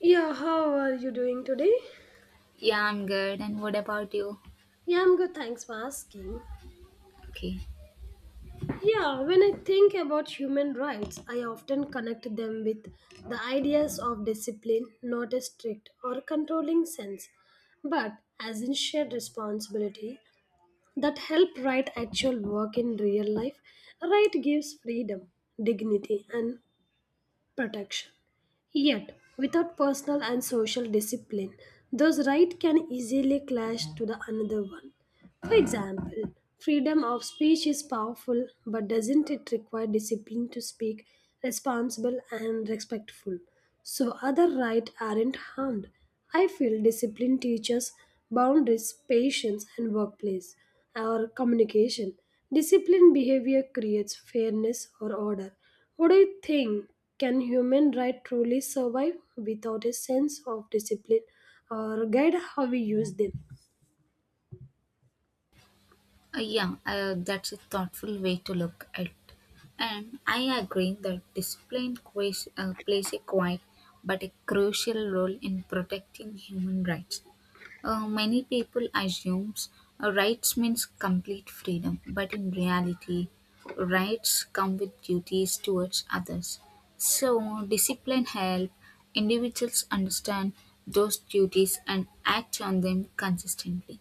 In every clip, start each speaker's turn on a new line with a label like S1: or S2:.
S1: Yeah, how are you doing today?
S2: Yeah, I'm good. And what about you?
S1: Yeah, I'm good, thanks for asking.
S2: Okay.
S1: Yeah, when I think about human rights, I often connect them with the ideas of discipline, not a strict or controlling sense, but as in shared responsibility that help right actual work in real life. Right gives freedom, dignity, and protection. Yet, without personal and social discipline, those rights can easily clash to the another one. For example, freedom of speech is powerful, but doesn't it require discipline to speak responsible and respectful? So other rights aren't harmed. I feel discipline teaches boundaries, patience, and workplace or communication. Disciplined behavior creates fairness or order. What do you think? Can human right truly survive without a sense of discipline or guide how we use them?
S2: Yeah, that's a thoughtful way to look at it. And I agree that discipline plays a quiet but a crucial role in protecting human rights. Many people assume rights means complete freedom, but in reality, rights come with duties towards others. So, discipline helps individuals understand those duties and act on them consistently.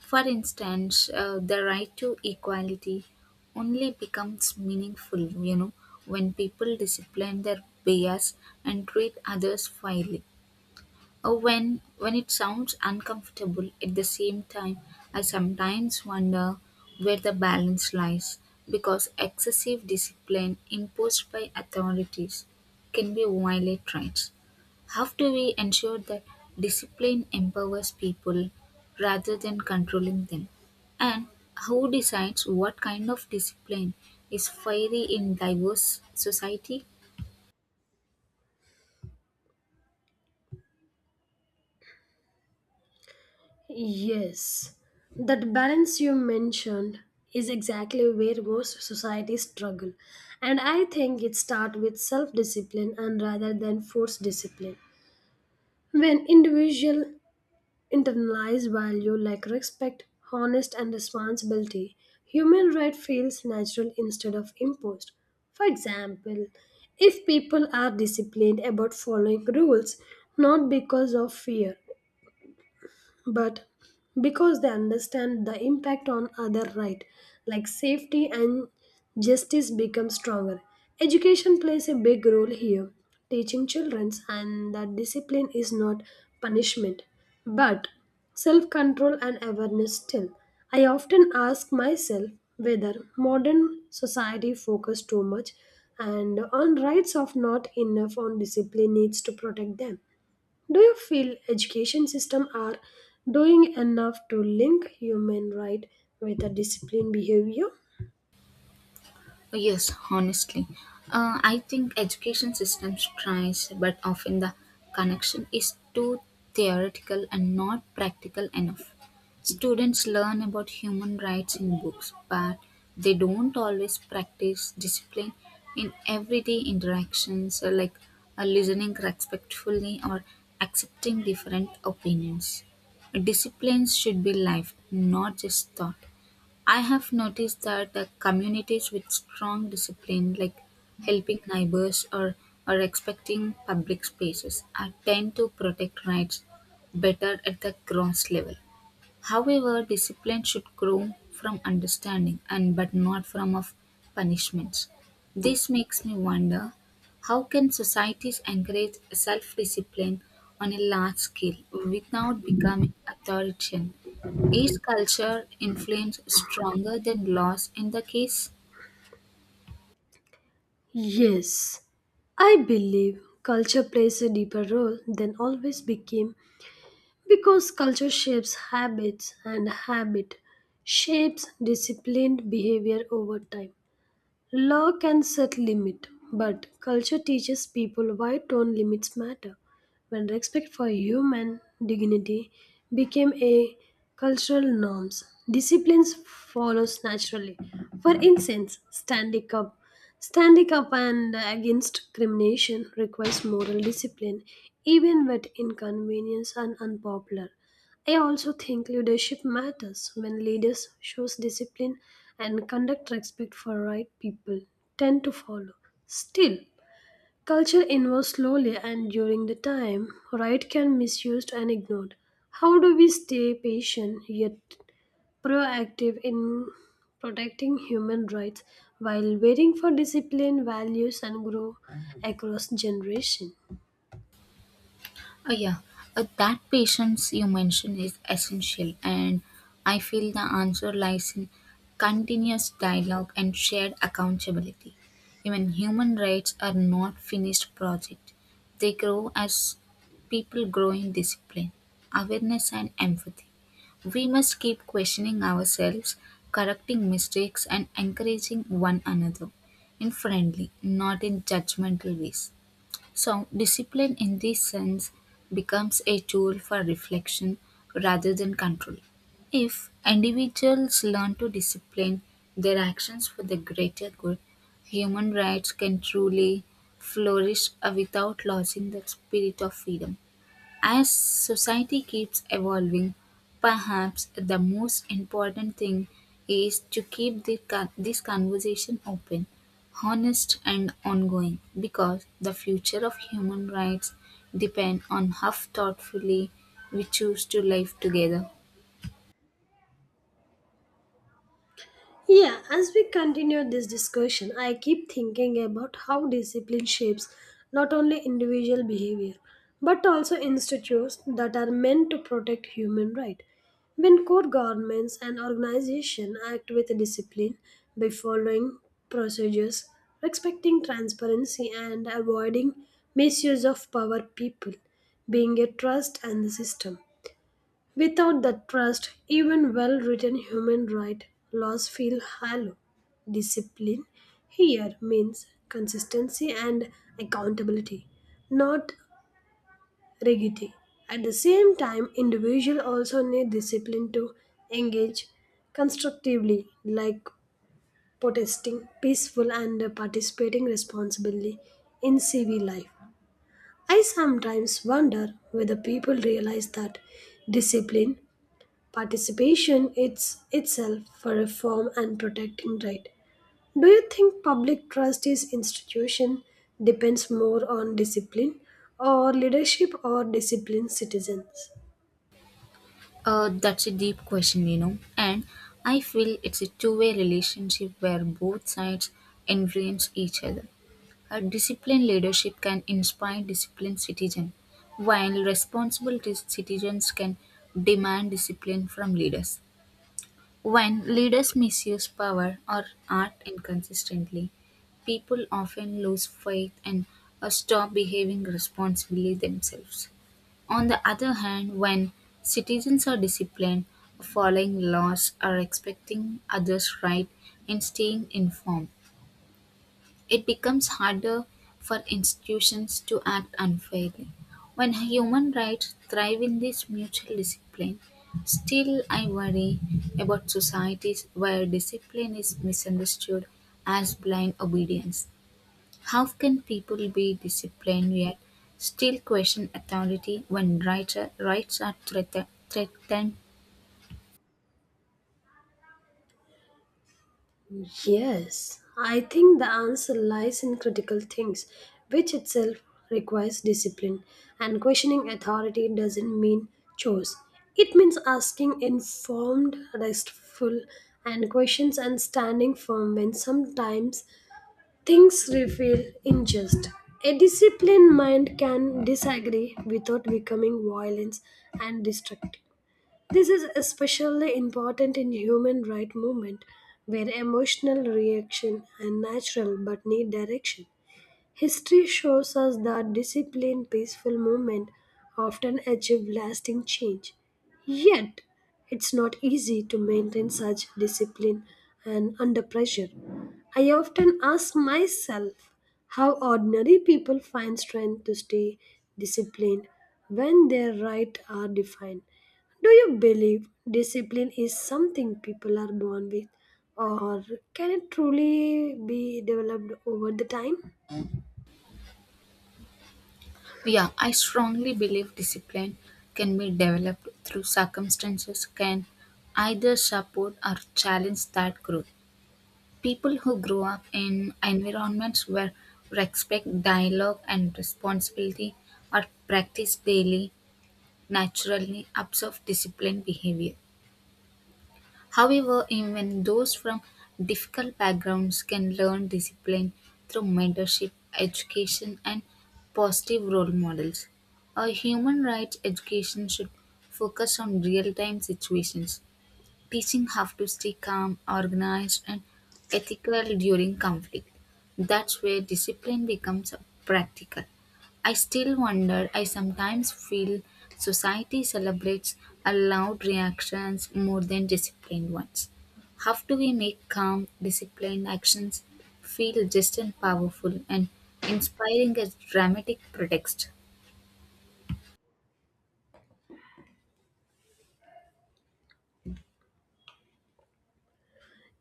S2: For instance, the right to equality only becomes meaningful, you know, when people discipline their bias and treat others fairly. Or when it sounds uncomfortable at the same time, I sometimes wonder where the balance lies because excessive discipline imposed by authorities can be violate rights. How do we ensure that discipline empowers people rather than controlling them? And who decides what kind of discipline is fiery in diverse society?
S1: Yes, that balance you mentioned is exactly where most societies struggle, and I think it starts with self discipline and rather than forced discipline. When individual internalize value like respect, honest, and responsibility, human right feels natural instead of imposed. For example, if people are disciplined about following rules not because of fear but because they understand the impact on other right like safety and justice becomes stronger. Education plays a big role here, teaching children and that discipline is not punishment but self control and awareness. Still, I often ask myself whether modern society focuses too much and on rights of not enough on discipline needs to protect them. Do you feel education system are doing enough to link human right with a disciplined behavior?
S2: Oh, yes, honestly. I think education systems tries, but often the connection is too theoretical and not practical enough. Students learn about human rights in books, but they don't always practice discipline in everyday interactions, like listening respectfully or accepting different opinions. Disciplines should be life, not just thought. I have noticed that the communities with strong discipline, like helping neighbors or respecting public spaces, are tend to protect rights better at the ground level. However, discipline should grow from understanding and but not from of punishments. This makes me wonder how can societies encourage self-discipline on a large scale without becoming authoritarian? Is culture influence stronger than laws in the case?
S1: Yes, I believe culture plays a deeper role than always became because culture shapes habits and habit shapes disciplined behavior over time. Law can set limit, but culture teaches people why tone limits matter. When respect for human dignity became a cultural norms, disciplines follows naturally. For instance, standing up and against crimination requires moral discipline even when inconvenience and unpopular. I also think leadership matters when leaders shows discipline and conduct respect for right people tend to follow. Still, culture evolves slowly and during the time right can misused and ignored. How do we stay patient yet proactive in protecting human rights while waiting for discipline, values and grow across generation?
S2: Uh, yeah, that patience you mentioned is essential, and I feel the answer lies in continuous dialogue and shared accountability. Even human rights are not finished project; they grow as people grow in discipline, awareness, and empathy. We must keep questioning ourselves, correcting mistakes, and encouraging one another in friendly, not in judgmental ways. So, discipline in this sense becomes a tool for reflection rather than control. If individuals learn to discipline their actions for the greater good, human rights can truly flourish without losing the spirit of freedom. As society keeps evolving, perhaps the most important thing is to keep this conversation open, honest, and ongoing because the future of human rights depend on how thoughtfully we choose to live together.
S1: Yeah, as we continue this discussion, I keep thinking about how discipline shapes not only individual behavior but also institutes that are meant to protect human rights. When core governments and organizations act with discipline by following procedures, respecting transparency, and avoiding misuse of power, people being a trust and the system. Without that trust, even well written human rights laws feel hollow. Discipline here means consistency and accountability, not rigidity. At the same time, individuals also need discipline to engage constructively, like protesting peaceful and participating responsibly in civil life. I sometimes wonder whether people realize that discipline participation is itself a reform and protecting right. Do you think public trust is institution depends more on discipline or leadership or disciplined citizens?
S2: That's a deep question, you know, and I feel it's a two-way relationship where both sides influence each other. A disciplined leadership can inspire disciplined citizens, while responsible citizens can demand discipline from leaders. When leaders misuse power or act inconsistently, people often lose faith and stop behaving responsibly themselves. On the other hand, when citizens are disciplined, following laws, are respecting others' right, and staying informed, it becomes harder for institutions to act unfairly. When human rights thrive in this mutual discipline, still I worry about societies where discipline is misunderstood as blind obedience. How can people be disciplined yet still question authority when threatened?
S1: Yes, I think the answer lies in critical things, which itself requires discipline, and questioning authority doesn't mean choice. It means asking informed, restful, and questions and standing firm when sometimes things reveal unjust. A disciplined mind can disagree without becoming violent and destructive. This is especially important in human rights movement where emotional reaction are natural but need direction. History shows us that disciplined, peaceful movement often achieve lasting change. Yet, it's not easy to maintain such discipline and under pressure. I often ask myself how ordinary people find strength to stay disciplined when their rights are defined. Do you believe discipline is something people are born with, or can it truly be developed over the time?
S2: Yeah, I strongly believe discipline can be developed through circumstances can either support or challenge that growth. People who grow up in environments where respect, dialogue, and responsibility are practiced daily naturally observe disciplined behavior. However, even those from difficult backgrounds can learn discipline through mentorship, education, and positive role models. A human rights education should focus on real time situations. Teaching how to stay calm, organized, and ethical during conflict. That's where discipline becomes practical. I still wonder, I sometimes feel society celebrates allowed reactions more than disciplined ones. How do we make calm, disciplined actions feel just and powerful and inspiring as dramatic pretext?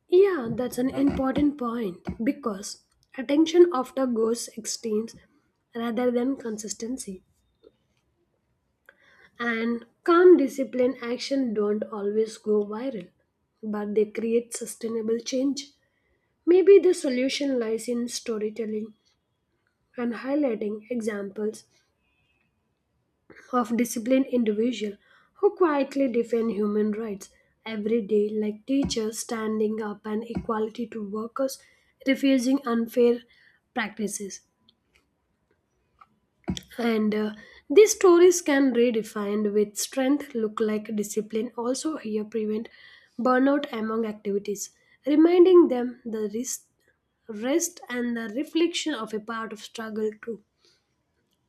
S1: Yeah, that's an important point because attention often goes extremes rather than consistency. And calm discipline action don't always go viral, but they create sustainable change. Maybe the solution lies in storytelling and highlighting examples of disciplined individuals who quietly defend human rights every day, like teachers standing up and equality to workers refusing unfair practices. And these stories can redefined with strength, look like discipline, also here prevent burnout among activities, reminding them the risk, rest and the reflection of a part of struggle too.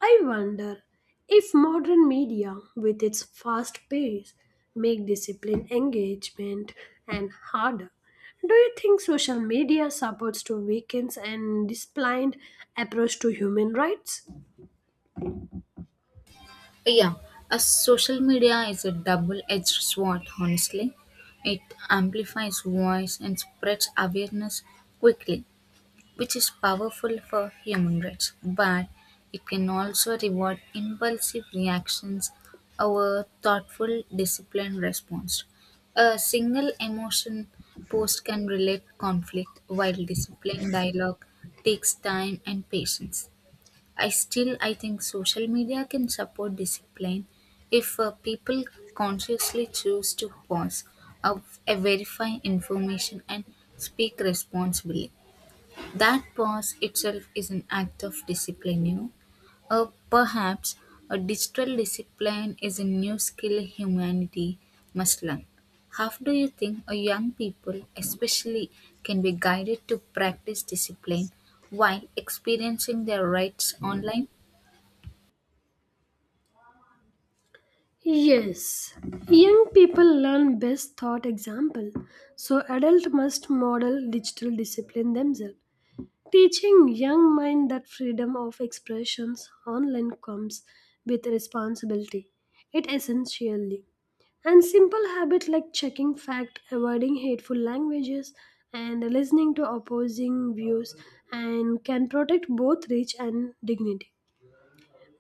S1: I wonder if modern media, with its fast pace, make discipline engagement and harder. Do you think social media supports to weakens and disciplined approach to human rights?
S2: Yeah, a social media is a double-edged sword, honestly. It amplifies voice and spreads awareness quickly, which is powerful for human rights, but it can also reward impulsive reactions over thoughtful, disciplined response. A single emotion post can relate conflict, while disciplined dialogue takes time and patience. I still I think social media can support discipline if people consciously choose to pause, uh, verify information, and speak responsibly. That pause itself is an act of discipline. You know, perhaps a digital discipline is a new skill humanity must learn. How do you think a young people, especially, can be guided to practice discipline while experiencing their rights online?
S1: Yes, young people learn best thought example, so adult must model digital discipline themselves. Teaching young mind that freedom of expressions online comes with responsibility. It essentially. And simple habits like checking fact, avoiding hateful languages, and listening to opposing views and can protect both reach and dignity.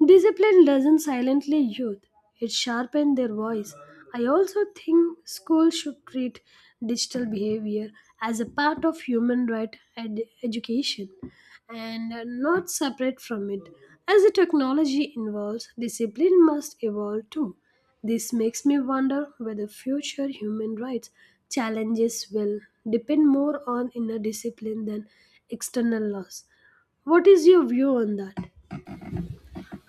S1: Discipline doesn't silently youth, it sharpens their voice. I also think schools should treat digital behavior as a part of human right education and not separate from it. As the technology evolves, discipline must evolve too. This makes me wonder whether future human rights challenges will depend more on inner discipline than external laws. What is your view on that?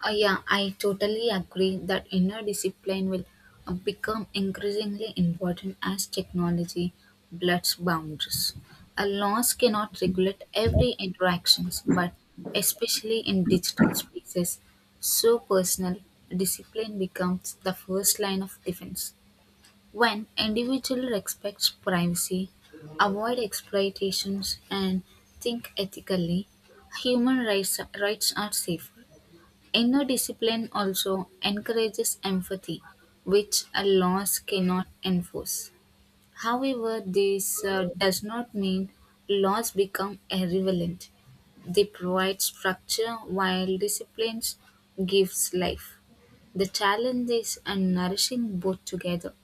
S2: Yeah, I totally agree that inner discipline will become increasingly important as technology blurs boundaries. A laws cannot regulate every interactions, but especially in digital spaces, so personal discipline becomes the first line of defense. When individual respects privacy, avoid exploitations, and think ethically, human rights are safe. Inner discipline also encourages empathy, which a laws cannot enforce. However, this does not mean laws become irrelevant. They provide structure while disciplines gives life. The challenge is nourishing both together.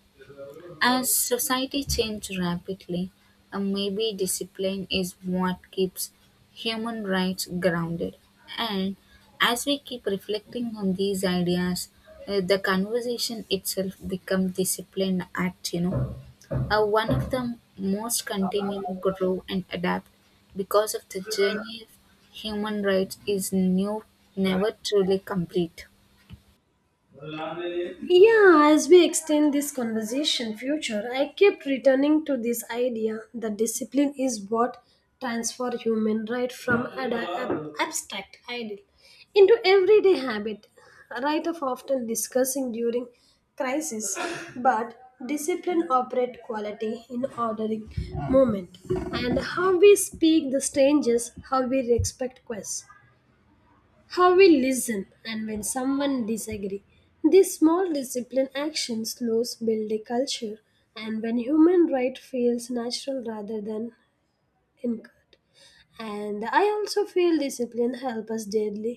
S2: As society changes rapidly, maybe discipline is what keeps human rights grounded. And as we keep reflecting on these ideas, the conversation itself becomes discipline act, you know. One of the most continue, grow and adapt because of the journey of human rights is new, never truly complete.
S1: Yeah, as we extend this conversation future, I keep returning to this idea that discipline is what transfer human right from abstract ideal into everyday habit. Right of often discussing during crisis, but discipline operate quality in ordering moment and how we speak the strangers, how we respect quests, how we listen and when someone disagree this small discipline action slows build a culture and when human right feels natural rather than incurred and I also feel discipline help us daily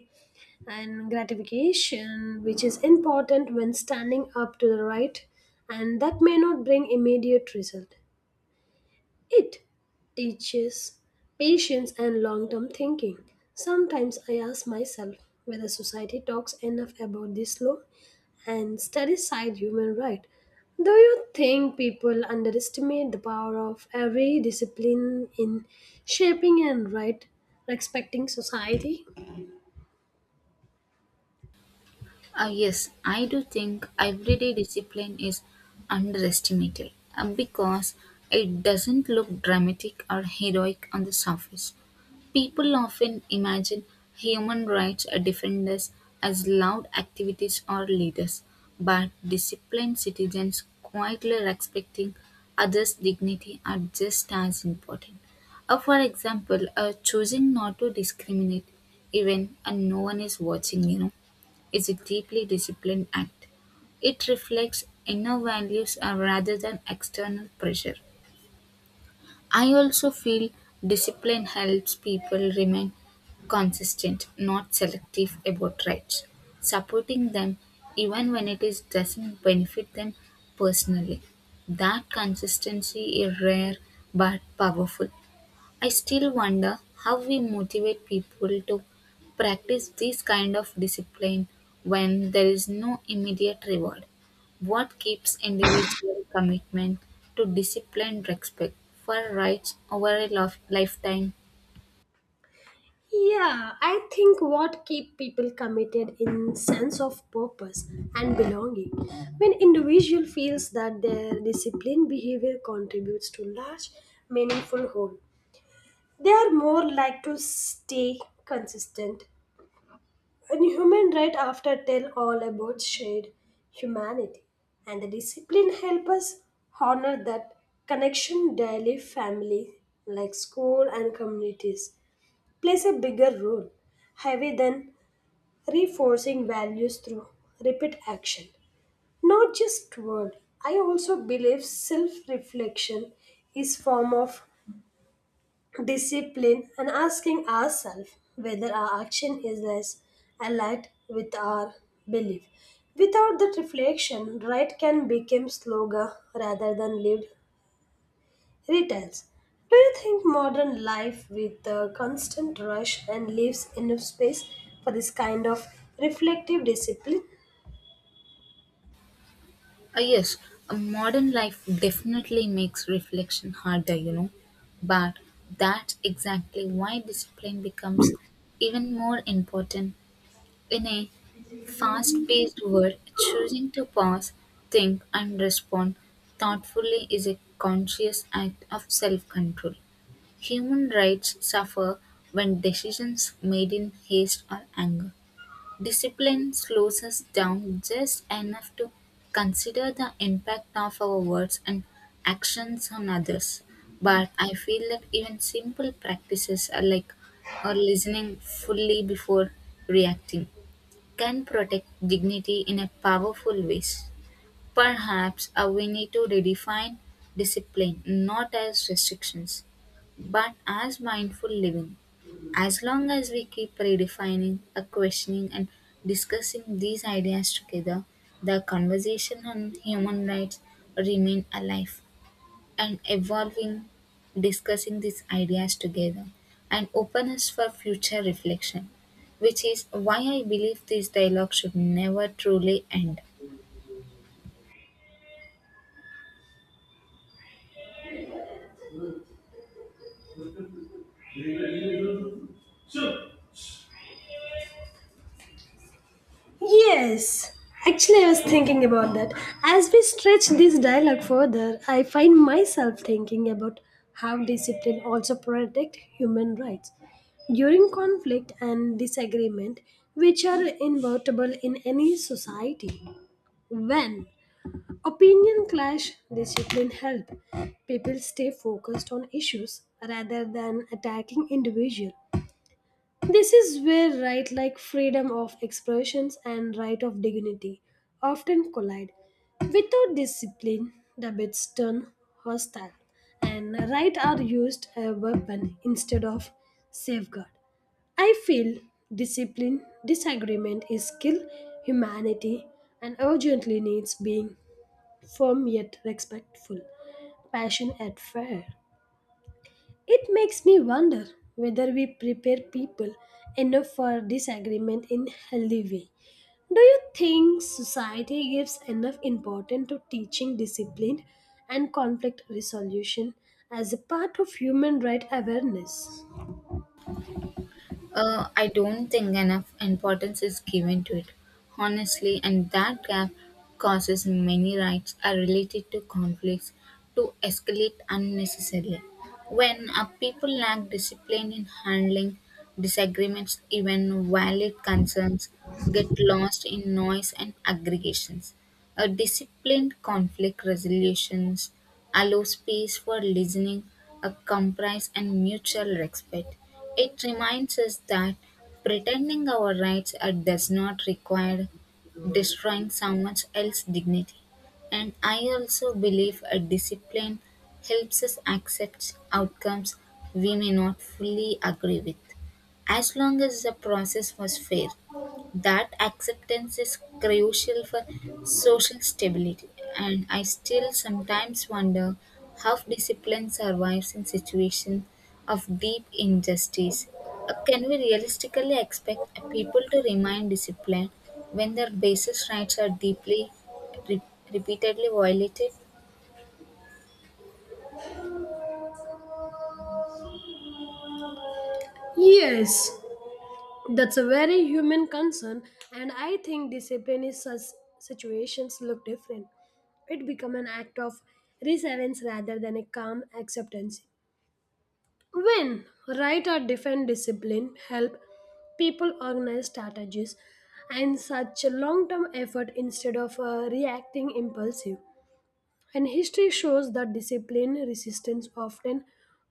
S1: and gratification which is important when standing up to the right and that may not bring immediate result. It teaches patience and long term thinking. Sometimes I ask myself whether society talks enough about this law and studies side human right. Do you think people underestimate the power of every discipline in shaping and right respecting society?
S2: Yes, I do think everyday discipline is underestimated because it doesn't look dramatic or heroic on the surface. People often imagine human rights defenders as loud activities or leaders, but disciplined citizens quietly respecting others' dignity are just as important. For example, choosing not to discriminate even when no one is watching, is a deeply disciplined act. It reflects inner values rather than external pressure. I also feel discipline helps people remain consistent, not selective about rights, supporting them even when it is doesn't benefit them personally. That consistency is rare but powerful. I still wonder how we motivate people to practice this kind of discipline when there is no immediate reward. What keeps individual commitment to disciplined respect for rights over a lifetime?
S1: Yeah, I think what keep people committed in sense of purpose and belonging. When individual feels that their disciplined behavior contributes to large, meaningful whole, they are more like to stay consistent. And human right after tell all about shared humanity, and the discipline help us honor that connection daily, family like school and communities plays a bigger role, heavy than reinforcing values through repeat action. Not just word. I also believe self-reflection is form of discipline and asking ourselves whether our action is less aligned with our belief. Without that reflection, right can become slogan rather than lived retails. Do you think modern life with the constant rush and leaves enough space for this kind of reflective discipline?
S2: Ah, yes, a modern life definitely makes reflection harder, you know, but that's exactly why discipline becomes even more important. In a fast-paced world, choosing to pause, think, and respond thoughtfully is a conscious act of self-control. Human rights suffer when decisions made in haste or anger. Discipline slows us down just enough to consider the impact of our words and actions on others. But I feel that even simple practices are like are listening fully before reacting can protect dignity in a powerful ways. Perhaps we need to redefine discipline not as restrictions, but as mindful living. As long as we keep redefining, questioning, and discussing these ideas together, the conversation on human rights remain alive and evolving, discussing these ideas together, and openness for future reflection, which is why I believe this dialogue should never truly end.
S1: Yes, actually, I was thinking about that. As we stretch this dialogue further, I find myself thinking about how discipline also protects human rights during conflict and disagreement, which are inevitable in any society. When opinion clash discipline help. People stay focused on issues rather than attacking individual. This is where right like freedom of expressions and right of dignity often collide. Without discipline, debates turn hostile and right are used as a weapon instead of safeguard. I feel discipline, disagreement is skill, humanity, and urgently needs being firm yet respectful, passionate and fair. It makes me wonder whether we prepare people enough for disagreement in healthy way. Do you think society gives enough importance to teaching discipline and conflict resolution as a part of human right awareness?
S2: I don't think enough importance is given to it, honestly, and that gap causes many rights are related to conflicts to escalate unnecessarily. When people lack discipline in handling disagreements, even valid concerns get lost in noise and aggregations. A disciplined conflict resolutions allow space for listening, a compromise and mutual respect. It reminds us that pretending our rights are, does not require destroying someone else's dignity. And I also believe a discipline helps us accept outcomes we may not fully agree with, as long as the process was fair. That acceptance is crucial for social stability. And I still sometimes wonder how discipline survives in situations of deep injustice. Can we realistically expect people to remain disciplined when their basic rights are deeply re- repeatedly violated?
S1: Yes, that's a very human concern, and I think discipline in such situations look different. It become an act of resilience rather than a calm acceptance. When right or different discipline help people organize strategies and such a long-term effort instead of reacting impulsive. And history shows that discipline resistance often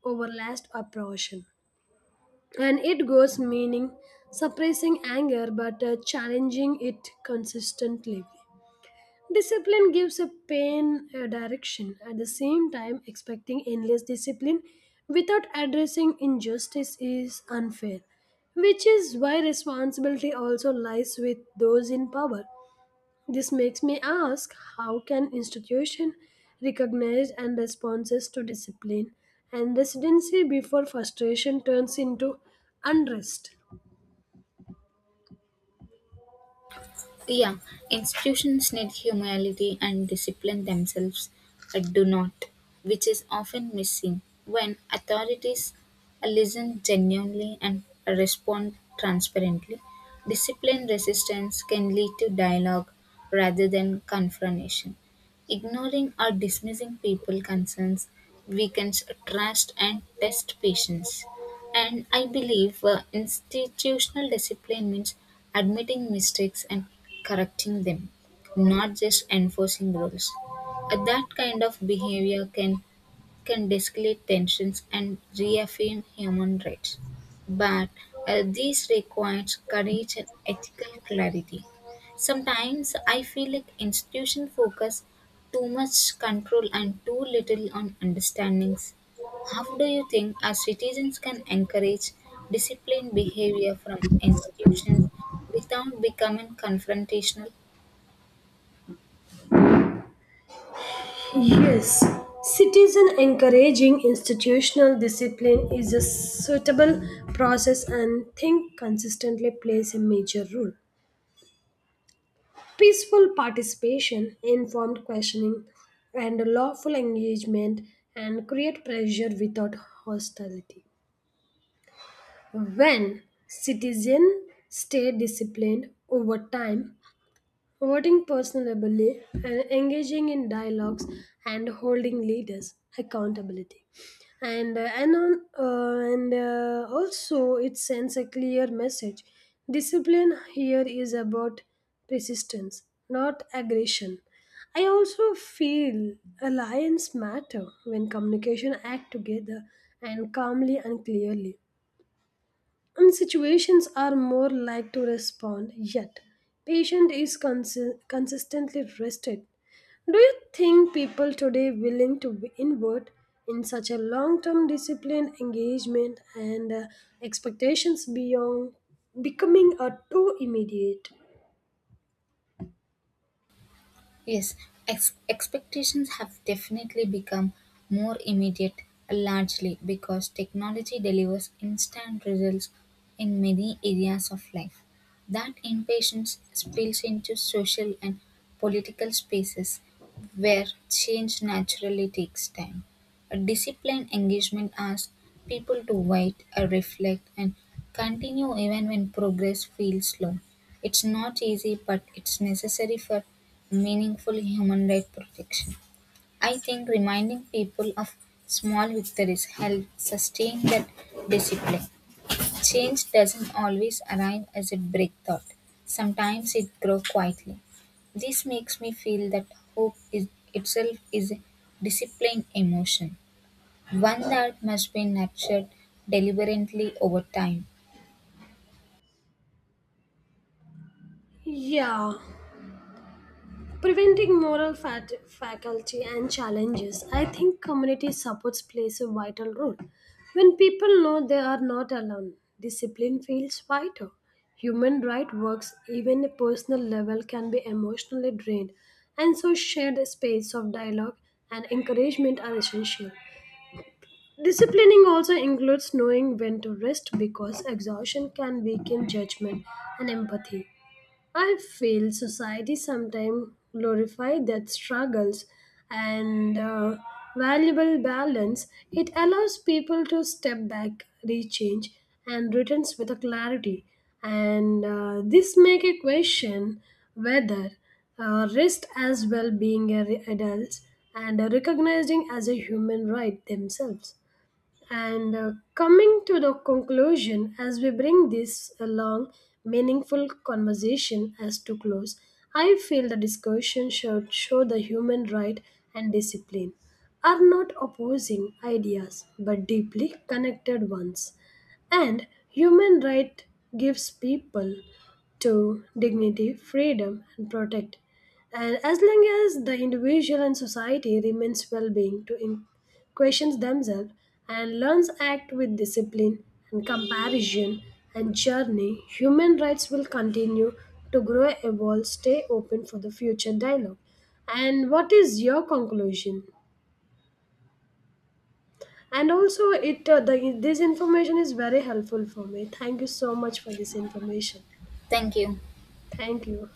S1: overlasts oppression and it goes meaning suppressing anger but challenging it consistently. Discipline gives a pain a direction at the same time expecting endless discipline without addressing injustice is unfair, which is why responsibility also lies with those in power. This makes me ask how can institution recognize and responses to discipline and residency before frustration turns into unrest?
S2: Yeah, institutions need humility and discipline themselves, do not, which is often missing when authorities listen genuinely and respond transparently. Disciplined resistance can lead to dialogue rather than confrontation. Ignoring or dismissing people' concerns weakens trust and tests patience. And I believe institutional discipline means admitting mistakes and correcting them, not just enforcing rules. That kind of behavior can de-escalate tensions and reaffirm human rights. But this requires courage and ethical clarity. Sometimes I feel like institutions focus too much control and too little on understandings. How do you think our citizens can encourage disciplined behavior from institutions without becoming confrontational?
S1: Yes, citizen encouraging institutional discipline is a suitable process and think consistently plays a major role. Peaceful participation, informed questioning, and lawful engagement and create pressure without hostility. When citizens stay disciplined over time, voting personally and engaging in dialogues and holding leaders accountability. And also it sends a clear message. Discipline here is about persistence, not aggression. I also feel alliance matter when communication act together and calmly and clearly and situations are more like to respond yet patient is consistently rested. Do you think people today willing to invert in such a long-term discipline engagement and expectations beyond becoming a too immediate?
S2: Yes, expectations have definitely become more immediate, largely because technology delivers instant results in many areas of life. That impatience spills into social and political spaces where change naturally takes time. A disciplined engagement asks people to wait, reflect, and continue even when progress feels slow. It's not easy, but it's necessary for meaningful human right protection. I think reminding people of small victories helps sustain that discipline. Change doesn't always arrive as a breakthrough; sometimes it grows quietly. This makes me feel that hope is itself is a disciplined emotion. One that must be nurtured deliberately over time.
S1: Yeah, preventing moral faculty and challenges, I think community supports plays a vital role. When people know they are not alone, discipline feels vital. Human rights works, even a personal level, can be emotionally drained, and so shared space of dialogue and encouragement are essential. Disciplining also includes knowing when to rest because exhaustion can weaken judgment and empathy. I feel society sometimes glorify that struggles and valuable balance. It allows people to step back, rechange, and returns with a clarity. And this make a question whether rest as well being a adults and recognizing as a human right themselves. And coming to the conclusion, as we bring this a long, meaningful conversation as to close, I feel the discussion should show the human right and discipline are not opposing ideas but deeply connected ones. And human right gives people to dignity, freedom, and protect and as long as the individual and society remains well-being to questions themselves and learns act with discipline and comparison and journey, human rights will continue to grow, evolve, stay open for the future dialogue. And what is your conclusion? And also, this information is very helpful for me. Thank you so much for this information.
S2: Thank you.
S1: Thank you.